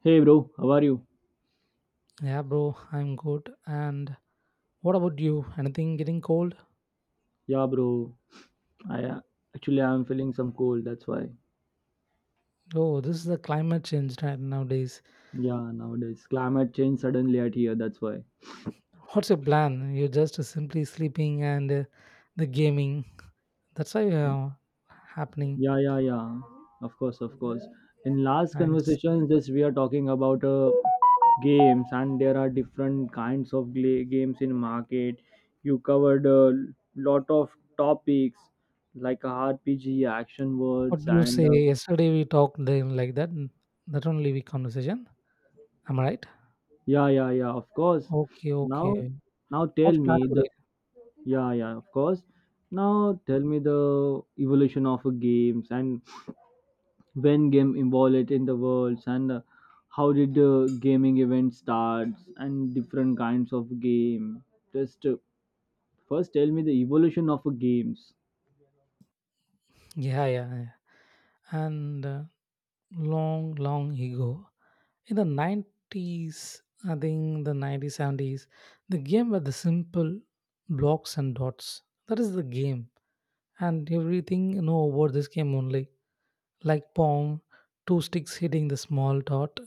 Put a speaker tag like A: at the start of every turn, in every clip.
A: Hey bro, how are you?
B: Yeah, bro, I'm good. And what about you? Anything getting cold?
A: Yeah, bro, I actually I'm feeling some cold. That's why.
B: Oh, this is the climate change right nowadays.
A: Yeah, nowadays climate change suddenly at here. That's why.
B: What's your plan? You're just simply sleeping and the gaming. That's why happening.
A: Yeah, yeah, yeah. Of course, of course. In last
B: Nice.
A: conversations, just we are talking about games, and there are different kinds of games in market. You covered a lot of topics like RPG, action
B: What
A: words,
B: do you
A: and
B: say? Yesterday we talked then like that. That only we conversation. Am I right?
A: yeah, yeah, yeah. Of course.
B: Okay,
A: Now,
B: okay.
A: now tell
B: What's plan
A: me the
B: today?
A: Yeah, yeah, of course. Now tell me the evolution of games, and when game evolved in the world, and how did gaming event starts and different kinds of game. Just first tell me the evolution of games.
B: Yeah, yeah, yeah. And long, long ago. In the 90s, I think the 90s, 70s, the game were the simple blocks and dots. That is the game. And everything you know about this game only. Like Pong, two sticks hitting the small dot.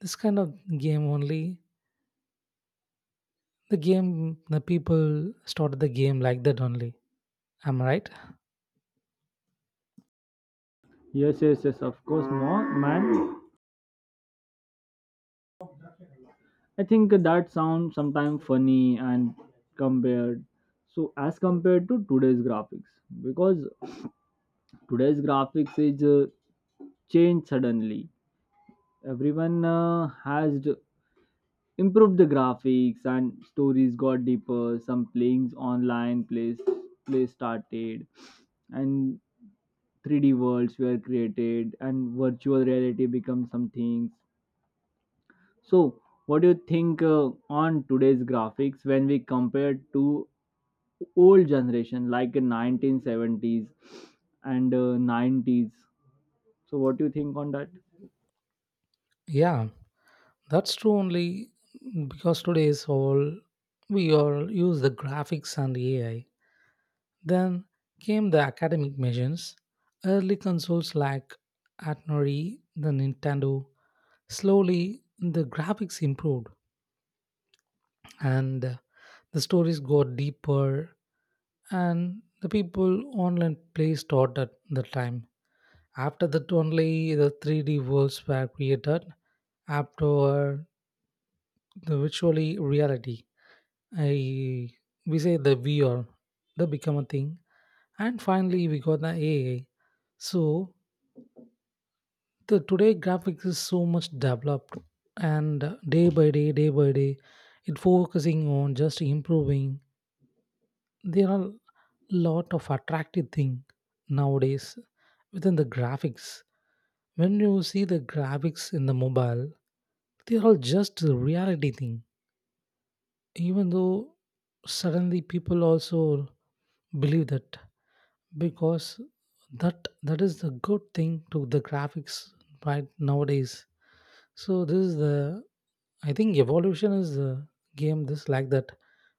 B: This kind of game only. The game, the people started the game like that only. Am I right?
A: Yes, yes, yes, of course, more man. I think that sounds sometimes funny and compared. So as compared to today's graphics, because today's graphics is changed suddenly, everyone has improved the graphics, and stories got deeper, some playings online plays play started, and 3D worlds were created, and virtual reality becomes some things. So what do you think on today's graphics when we compare to old generation like in 1970s and 90s? So what do you think on that?
B: Yeah, that's true only, because today is all, we all use the graphics and AI. Then came the academic machines. Early consoles like Atari, the Nintendo. Slowly, the graphics improved and the stories got deeper, and the people online play started at the time. After that, only the 3D worlds were created. After the virtually reality, I we say the VR, the become a thing, and finally we got the AI. So the today graphics is so much developed, and day by day, day by day it focusing on just improving. There are a lot of attractive thing nowadays within the graphics. When you see the graphics in the mobile, they are all just reality thing. Even though suddenly people also believe that, because that is the good thing to the graphics right nowadays. So this is the, I think, evolution is the game this like that,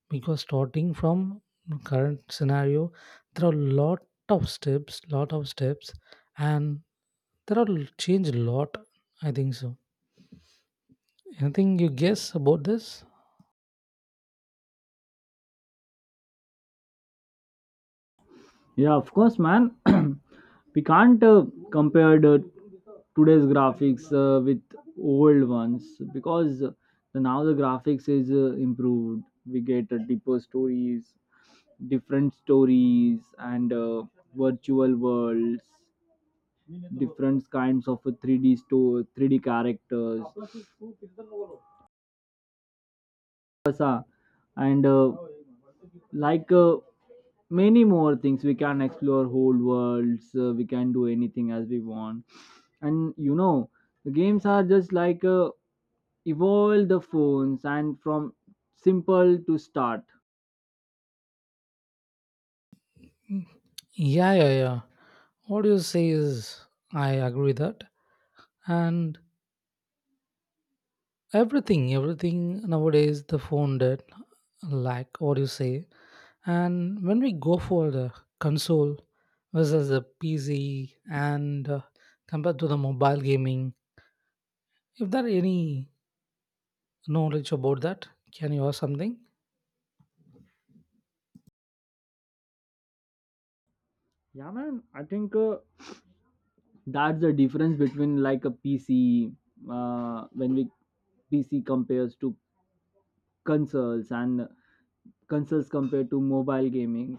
B: because starting from current scenario, there are lot of steps, lot of steps, and there are change a lot, I think so. Anything you guess about this?
A: Yeah, of course, man. We can't compare the today's graphics with old ones, because now the graphics is improved. We get deeper stories, different stories, and virtual worlds, different kinds of 3D store, 3D characters, Kasa, and like uh, many more things. We can explore whole worlds, we can do anything as we want. And you know the games are just like evolve the phones and from simple to start.
B: Yeah, yeah, yeah, what you say is, I agree that. And everything nowadays the phone did, like what you say. And when we go for the console versus the PC, and compared to the mobile gaming, if there any knowledge about that, can you ask something?
A: Yeah, man, I think that's the difference between like a pc. Uh, when we pc compares to consoles, and consoles compared to mobile gaming.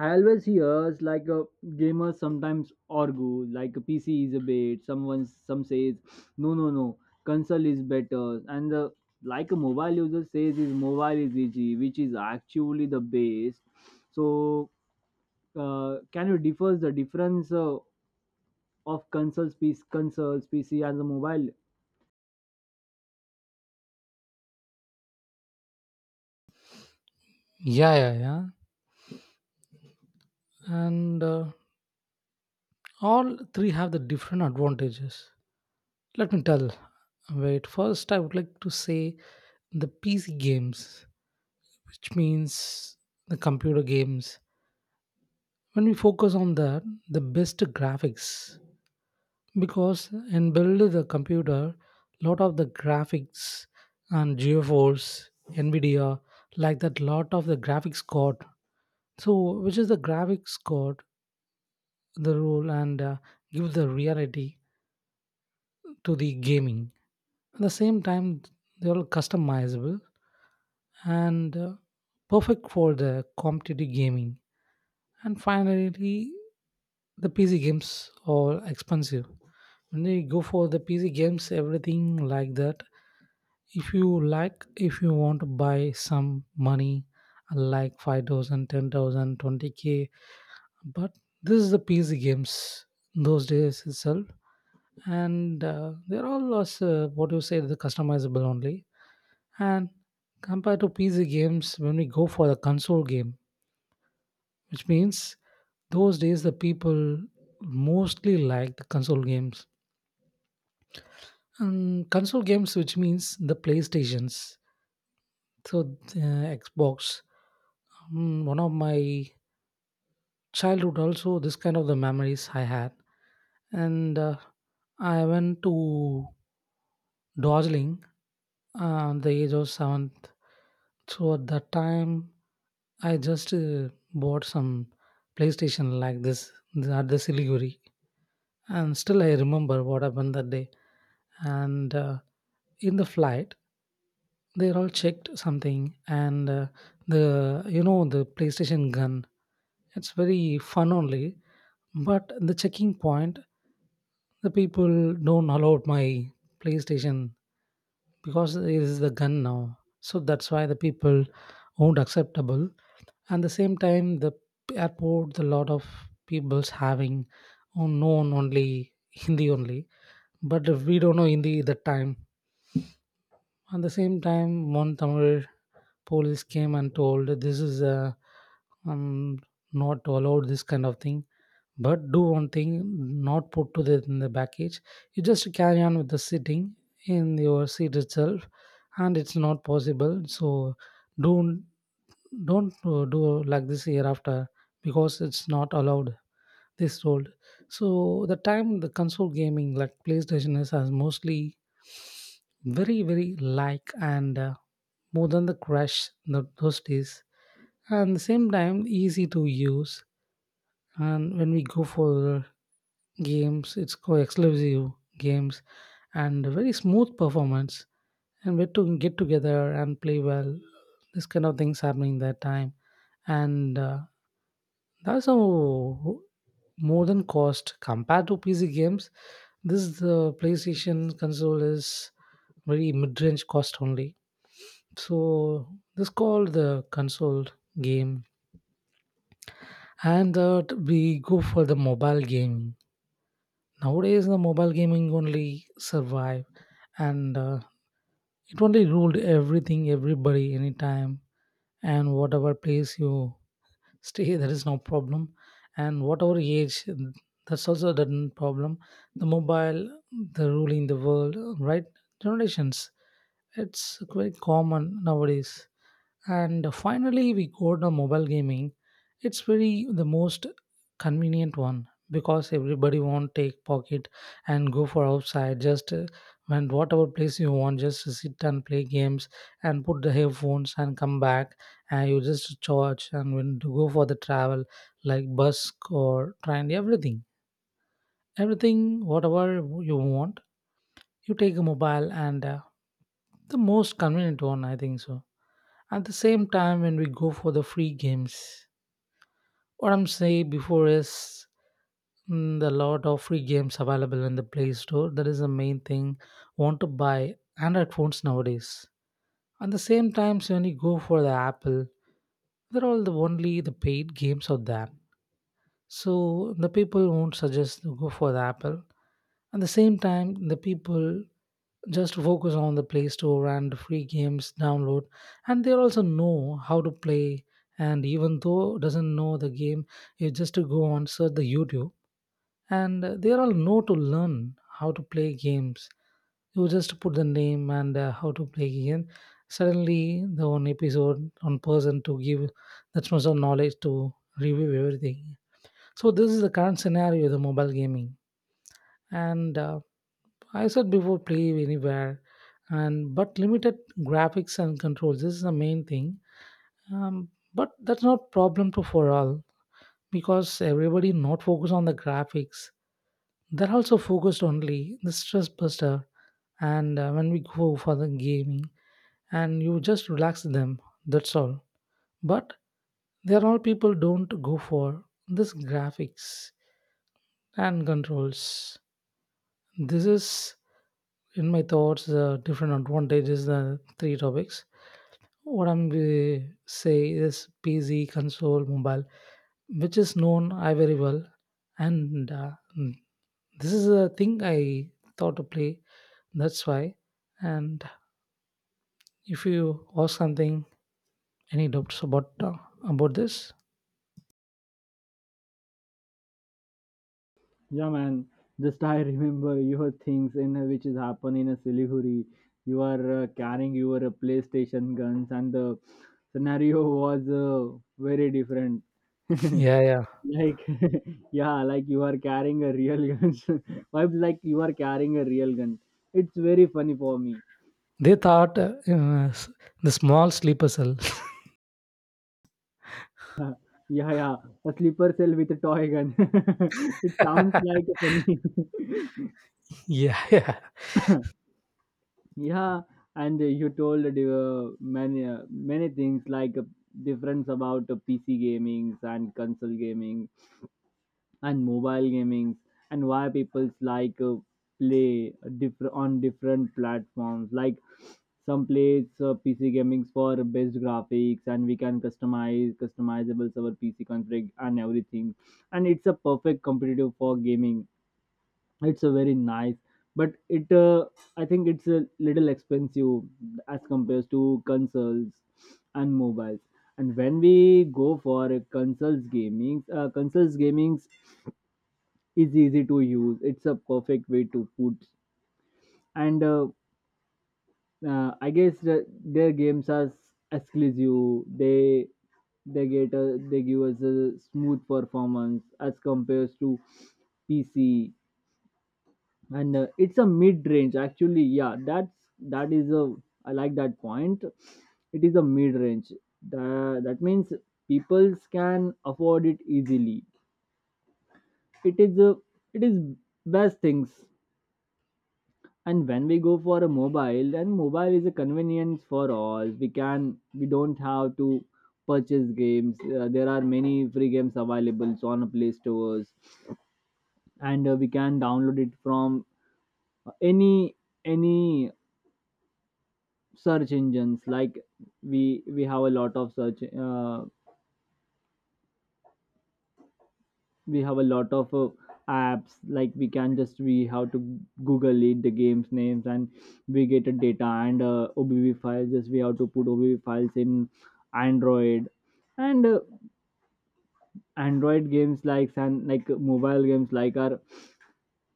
A: I always hears like a gamers sometimes argue like a PC is a bait. Someone some says no, no, no, console is better. And the like a mobile user says is mobile is easy, which is actually the base. So can you differ the difference of consoles PC consoles PC and the mobile?
B: Yeah, yeah, yeah. And all three have the different advantages. Let me tell, wait, first I would like to say the PC games, which means the computer games. When we focus on that, the best graphics, because in build the computer, lot of the graphics and GeForce, NVIDIA, like that, lot of the graphics card. So, which is the graphics card, the role, and give the reality to the gaming. At the same time, they're customizable, and perfect for the competitive gaming. And finally, the PC games are expensive. When you go for the PC games, everything like that. If you like, if you want to buy some money, like 5,000, 10,000, 20K, but this is the PC games those days itself. And they're all also, what you say, the customizable only. And compared to PC games, when we go for the console game, which means those days the people mostly like the console games. And console games which means the PlayStations. So Xbox. One of my childhood also this kind of the memories I had. And I went to Darjeeling at the age of seventh. So at that time, I just bought some PlayStation like this at the Siliguri. And still I remember what happened that day. And in the flight, they're all checked something, and the you know the PlayStation gun. It's very fun only, but the checking point, the people don't allow my PlayStation, because it is the gun now. So that's why the people won't acceptable. And the same time, the airport, the lot of people's having known only Hindi only, but if we don't know Hindi that time. At the same time, one Tamil police came and told this is um, not allowed this kind of thing. But do one thing, not put to the in the package. You just carry on with the sitting in your seat itself, and it's not possible. So don't don't do like this hereafter, because it's not allowed this old. So the time the console gaming like PlayStation is has mostly very very like, and more than the crash in the, those days. And the same time easy to use. And when we go for games, it's called exclusive games and very smooth performance. And we to get together and play well. This kind of things happening that time. And that's a more than cost compared to PC games. This the PlayStation console is very mid-range cost only. So this called the console game, and that we go for the mobile gaming. Nowadays, the mobile gaming only survive, and it only ruled everything, everybody, anytime, and whatever place you stay, there is no problem. And whatever age, that's also the problem. The mobile, the ruling the world, right? Generations. It's quite common nowadays. And finally, we go to mobile gaming. It's very the most convenient one, because everybody won't take pocket and go for outside. Just when whatever place you want, just sit and play games and put the headphones and come back. And you just charge and when to go for the travel like bus or train, everything, everything, whatever you want, you take a mobile, and the most convenient one, I think so. At the same time, when we go for the free games, what I'm saying before is, the lot of free games available in the Play Store. That is the main thing. Want to buy Android phones nowadays. At the same time, so when you go for the Apple, they're all the only the paid games of that. So the people won't suggest to go for the Apple. At the same time, the people just focus on the Play Store and free games download, and they also know how to play. And even though doesn't know the game, you just to go on search the YouTube, and they all know to learn how to play games. You just put the name and how to play game, suddenly the one episode one person to give that much of knowledge to review everything. So this is the current scenario the mobile gaming. And I said before, play anywhere, and but limited graphics and controls. This is the main thing. But that's not problem to for all, because everybody not focus on the graphics. They're also focused only the stress buster, and when we go for the gaming and you just relax them. That's all. But there are people don't go for this graphics and controls. This is in my thoughts the different advantages the three topics what I'm say is PC, console, mobile, which is known I very well, and mm, this is a thing I thought to play. That's why. And if you ask something, any doubts about this?
A: Yeah, man. Just I remember your things in which is happen in a Siliguri. You are carrying your PlayStation guns, and the scenario was very different.
B: Yeah, yeah.
A: Like, yeah, like you are carrying a real gun. Vibes like you are carrying a real gun. It's very funny for me.
B: They thought the small sleeper cell.
A: Yeah, yeah, a sleeper cell with a toy gun. It sounds like a
B: Yeah, yeah,
A: funny. Yeah, and you told many things like difference about PC gamings and console gaming and mobile gamings, and why people's like play different on different platforms. Like some plays PC gamings for best graphics, and we can customize customizables our PC config and everything, and it's a perfect competitive for gaming. It's a very nice, but it I think it's a little expensive as compared to consoles and mobiles. And when we go for a consoles gaming is easy to use. It's a perfect way to put, and I guess their games are exclusive. They they give us a smooth performance as compared to pc. And it's a mid range, actually, yeah. that's that is a I like that point. It is a mid range. That means people can afford it easily. it is a it is best things. And when we go for a mobile, then mobile is a convenience for all. We can we don't have to purchase games. There are many free games available on play stores, and we can download it from any any search engines. Like, we have a lot of we have a lot of uh, apps. Like we can, just we have to google it the games names, and we get a data, and obv files. Just we have to put obv files in android. And android games like, and like mobile games like, are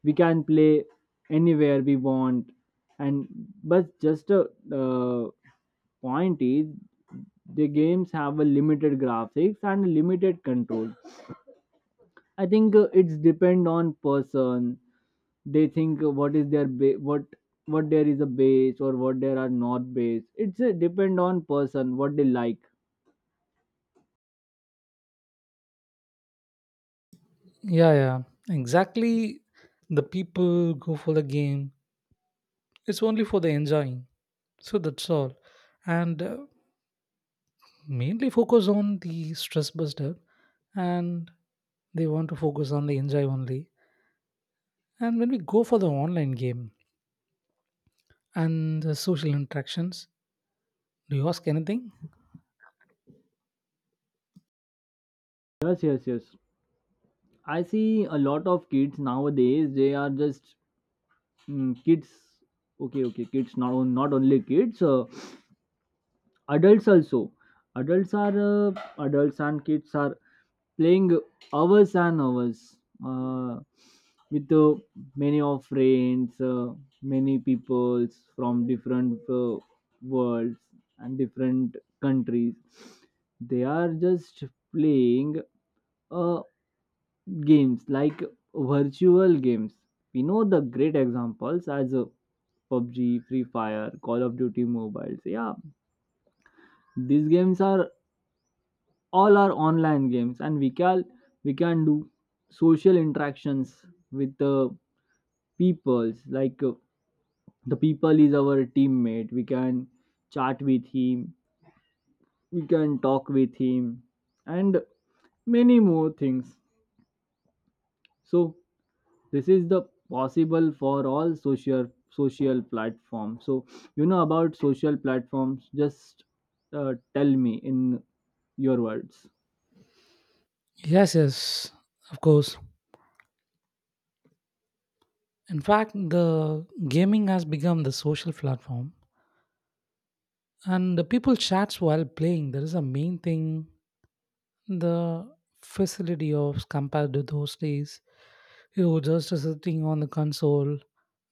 A: we can play anywhere we want. And but just uh, point is the games have a limited graphics and limited control. I think it's depend on person. They think what is their what there is a base or what there are not base. It's a depend on person what they like.
B: yeah, yeah. Exactly. The people go for the game. It's only for the enjoying. So that's all. And mainly focus on the stress buster, and they want to focus on the enjoy only. And when we go for the online game and the social interactions, do you ask anything?
A: Yes, yes, yes. I see a lot of kids nowadays. They are just kids. Okay, okay. Kids, not only kids, adults also. adults are uh, Adults and kids are playing hours and hours, uh, with many of friends, many peoples from different worlds and different countries. They are just playing uh, games like virtual games. We know the great examples as PUBG, Free Fire, Call of Duty mobiles. Yeah, these games are all are online games, and we can do social interactions with the peoples. Like the people is our teammate. We can chat with him. We can talk with him. And many more things. So this is the possible for all social platforms. So you know about social platforms. Just tell me in your words.
B: Yes, yes, of course. In fact, the gaming has become the social platform, and the people chats while playing. That is a main thing. The facility of compared to those days, you just sitting on the console.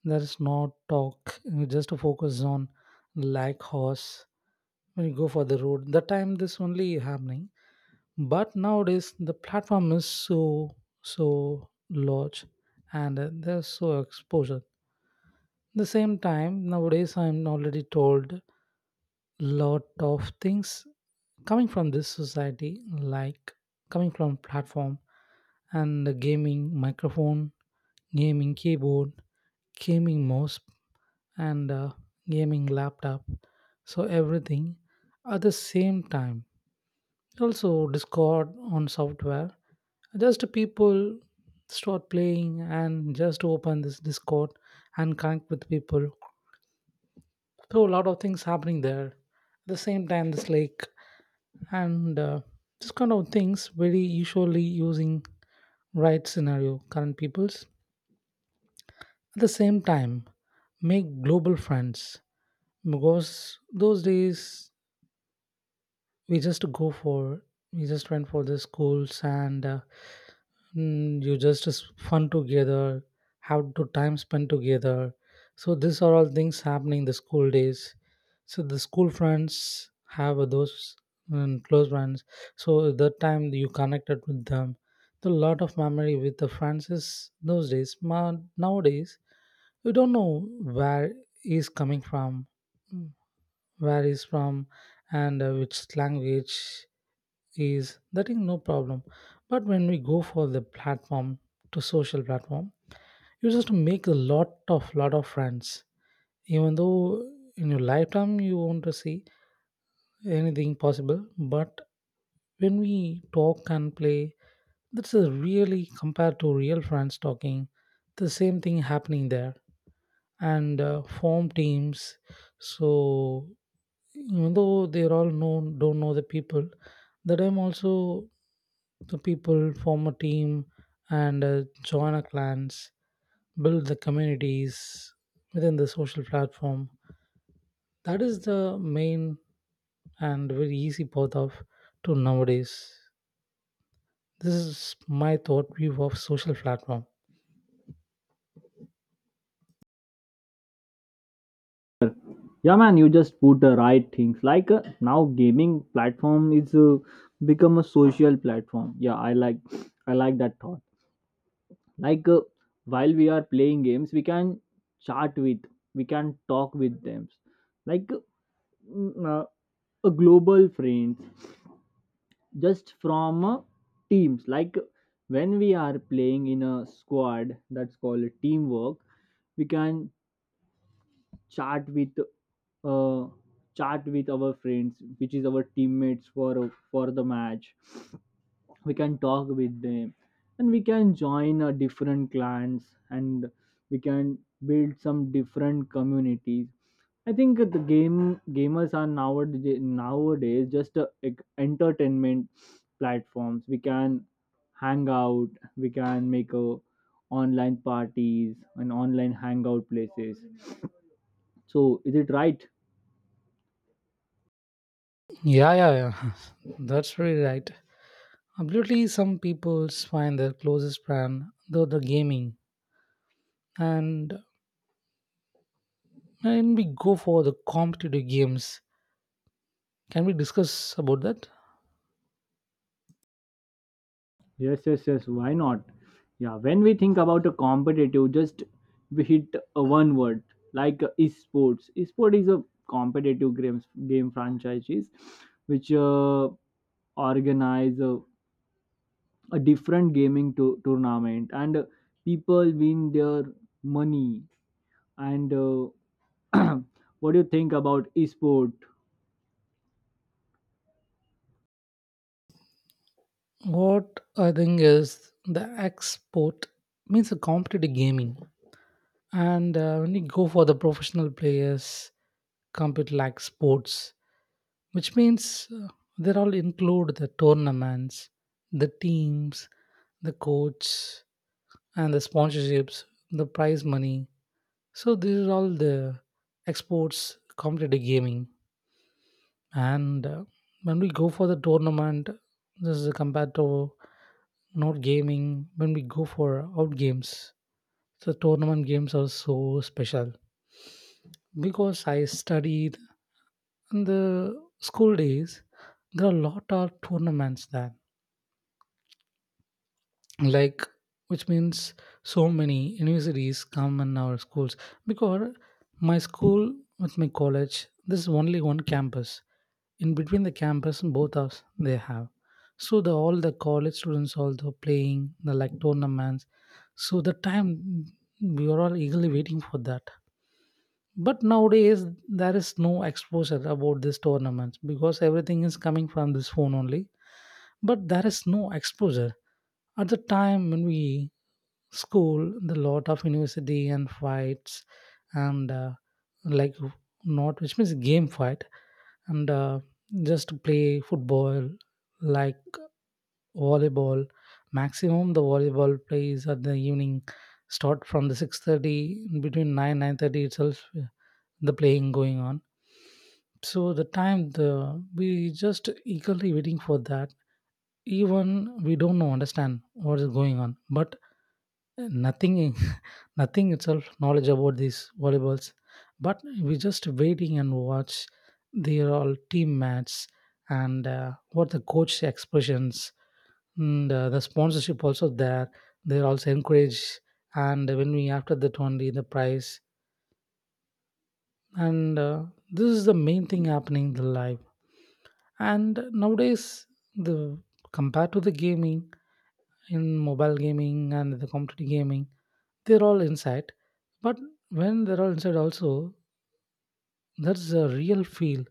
B: There is no talk. You just focus on like horse when you go for the road. The time this only happening. But nowadays the platform is so large, and there's so exposure. The same time nowadays I'm already told lot of things coming from this society, like coming from platform, and the gaming microphone, gaming keyboard, gaming mouse, and gaming laptop, so everything at the same time. Also discord on software, just people start playing and just open this discord and connect with people. So a lot of things happening there at the same time this like, and this kind of things very usually using right scenario current peoples. At the same time, make global friends, because those days we just go for, we just went for the schools, you just fun together, have to time spent together. So these are all things happening the school days, so the school friends have those, close friends. So that time you connected with them, the lot of memory with the friends is those days. Nowadays you don't know where he's coming from, mm, where he's from, and which language is that, is no problem. But when we go for the platform, to social platform, you just make a lot of friends. Even though in your lifetime you want to see anything possible, but when we talk and play, that's a really compared to real friends talking. The same thing happening there, and form teams. So even though they're all know don't know the people, the time also, the people form a team and join a clans, build the communities within the social platform. That is the main and very easy path of to nowadays. This is my thought view of social platform.
A: Yeah, man, you just put the right things. Like now, gaming platform is become a social platform. Yeah, I like that thought. Like while we are playing games, we can chat with, we can talk with them. Like mm, uh, a global friends, just from teams. Like when we are playing in a squad, that's called teamwork. We can chat with uh, chat with our friends, which is our teammates for the match. We can talk with them, and we can join different clans, and we can build some different communities. I think the gamers are nowadays just entertainment platforms. We can hang out. We can make a online parties and online hangout places. So is it right?
B: Yeah, yeah, yeah. That's very right. Absolutely, some people find their closest brand though the gaming, and when we go for the competitive games, can we discuss about that?
A: Yes, yes, yes. Why not? Yeah, when we think about a competitive, just we hit a one word like esports. Esport is a competitive game franchises which organize a different gaming tournament, and people win their money. And what do you think about esport?
B: What I think is the export means a competitive gaming, and when you go for the professional players, compete like sports, which means they all include the tournaments, the teams, the coach, and the sponsorships, the prize money. So these are all the exports competitive gaming. And when we go for the tournament, this is compared to not gaming. When we go for out games, the tournament games are so special because I studied in the school days. There are a lot of tournaments there, like, which means so many universities come in our schools, because my school with my college this is only one campus. In between the campus and both us they have, so the all the college students also playing the like tournaments. So the time we are all eagerly waiting for that. But nowadays there is no exposure about this tournament because everything is coming from this phone only. But there is no exposure. At the time when we school, the lot of university and fights, and like not which means game fight, and just to play football, like volleyball. Maximum the volleyball plays at the evening, start from the 6:30 between 9 9:30 itself, the playing going on. So the time the we just eagerly waiting for that. Even we don't know understand what is going on, but nothing in- nothing itself knowledge about these volleyballs, but we just waiting and watch their all team match, and what the coach expressions, and the sponsorship also there, they're also encouraged, and when we after that only the price, and this is the main thing happening in the life. And nowadays, the compared to the gaming, in mobile gaming and the competitive gaming, they're all inside. But when they're all inside also, that's a real feel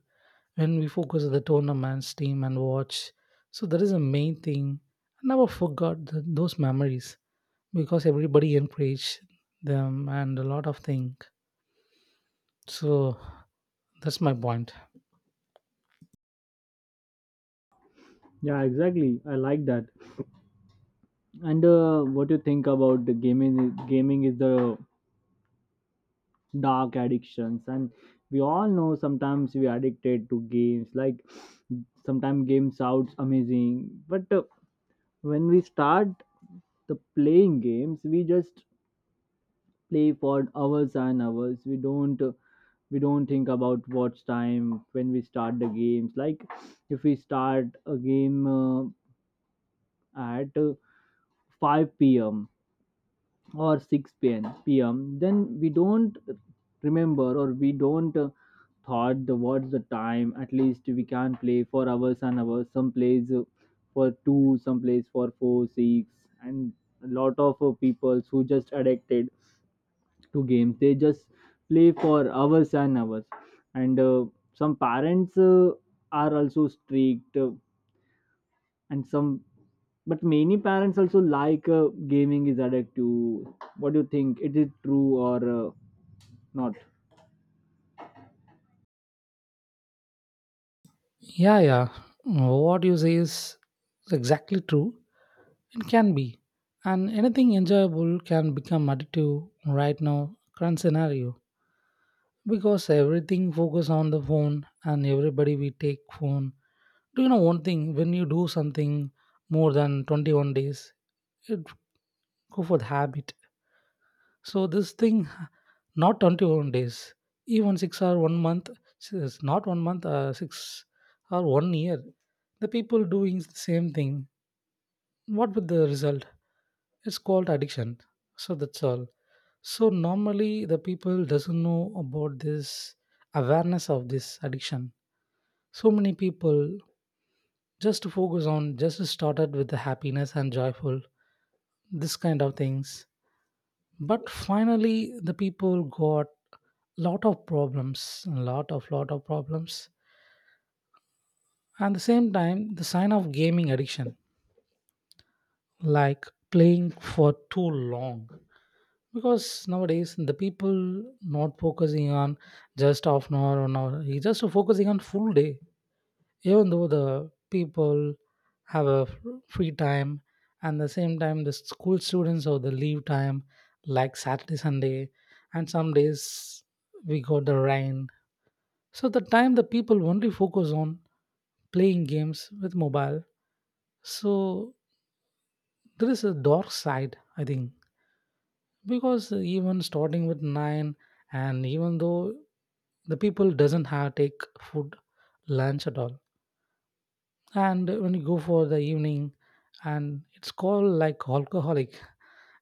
B: when we focus on the tournament's team and watch. So that is the main thing. I never forgot those memories because everybody encouraged them and a lot of things. So that's my point.
A: Yeah, exactly. I like that. And what do you think about the gaming? Gaming is the dark addictions, and we all know sometimes we are addicted to games. Like sometimes game sounds amazing, but when we start the playing games, we just play for hours and hours. We don't uh, we don't think about watch time. When we start the games, like if we start a game at 5 p.m. or 6 p.m. then we don't remember, or we don't thought the what's the time. At least we can play for hours and hours. Some plays for 2, some plays for 4, 6, and a lot of people who just addicted to games, they just play for hours and hours. And some parents are also strict, and some, but many parents also like. Gaming is addictive. What do you think? It is true or not?
B: Yeah, yeah. What you say is exactly true. It can be, and anything enjoyable can become addictive. Right now, current scenario, because everything focus on the phone and everybody we take phone. Do you know one thing, when you do something more than 21 days, it go for the habit. So this thing, not 21 days, even 6 or 1 month, it's not 1 month 6 or 1 year, the people doing the same thing, what with the result, it's called addiction. So that's all. So normally the people doesn't know about this, awareness of this addiction. So many people just to focus on, just started with the happiness and joyful, this kind of things. But finally, the people got lot of problems, lot of problems. And the same time, the sign of gaming addiction, like playing for too long. Because nowadays the people not focusing on just half an hour, 1 hour, he just focusing on full day. Even though the people have a free time, and the same time the school students or the leave time like Saturday Sunday, and some days we got the rain, so the time the people only focus on playing games with mobile. So there is a dark side, I think. Because even starting with 9, and even though the people doesn't have take food, lunch at all, and when you go for the evening, and it's called like alcoholic.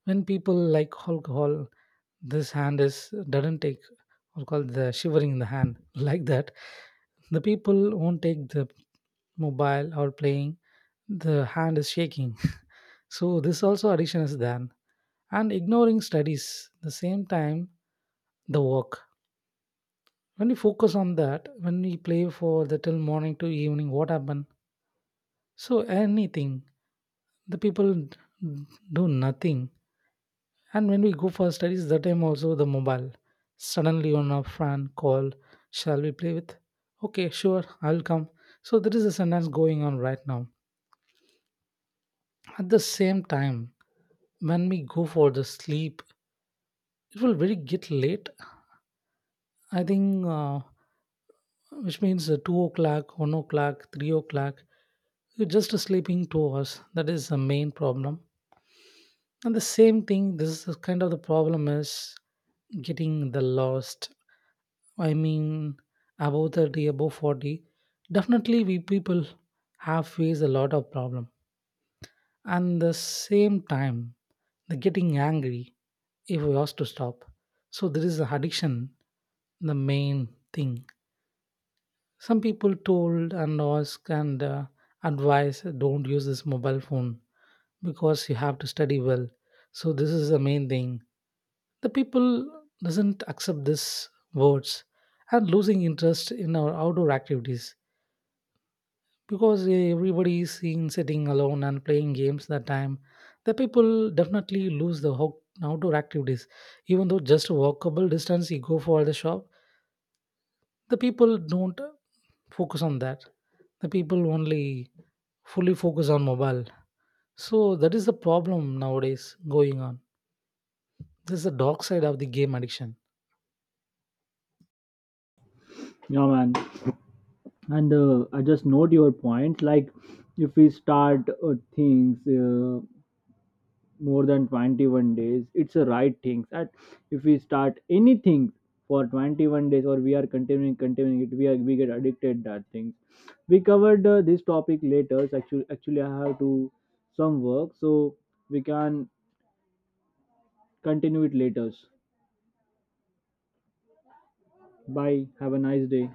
B: When people like alcohol, this hand is doesn't take, or called the shivering in the hand like that, the people won't take the mobile or playing, the hand is shaking. So this also addiction is there. And ignoring studies the same time, the work, when you focus on that, when we play for the till morning to evening, what happen? So anything, the people do nothing. And when we go for studies, the time also the mobile. Suddenly on a friend call, shall we play with? Okay, sure, I'll come. So there is a sentence going on right now. At the same time, when we go for the sleep, it will very get late. I think, which means 2 o'clock, 1 o'clock, 3 o'clock. You're just sleeping 2 hours. That is the main problem. And the same thing, this is kind of the problem is getting the lost, I mean above 30 above 40, definitely we people have faced a lot of problem. And the same time, the getting angry if we ask to stop. So there is addiction, the main thing. Some people told and ask and advise don't use this mobile phone because you have to study well. So this is the main thing. The people doesn't accept these words, and losing interest in our outdoor activities, because eh, everybody is seen sitting alone and playing games. That time the people definitely lose the outdoor activities. Even though just a walkable distance you go for the shop, the people don't focus on that, the people only fully focus on mobile. So that is the problem nowadays going on. This is the dark side of the game addiction.
A: Yeah, man, and I just note your point. Like if we start things more than 21 days, it's a right thing. That if we start anything for 21 days, or we are continuing it, we get addicted, that thing. We covered this topic later. Actually, I have to some work. So we can continue it later. Bye. Have a nice day.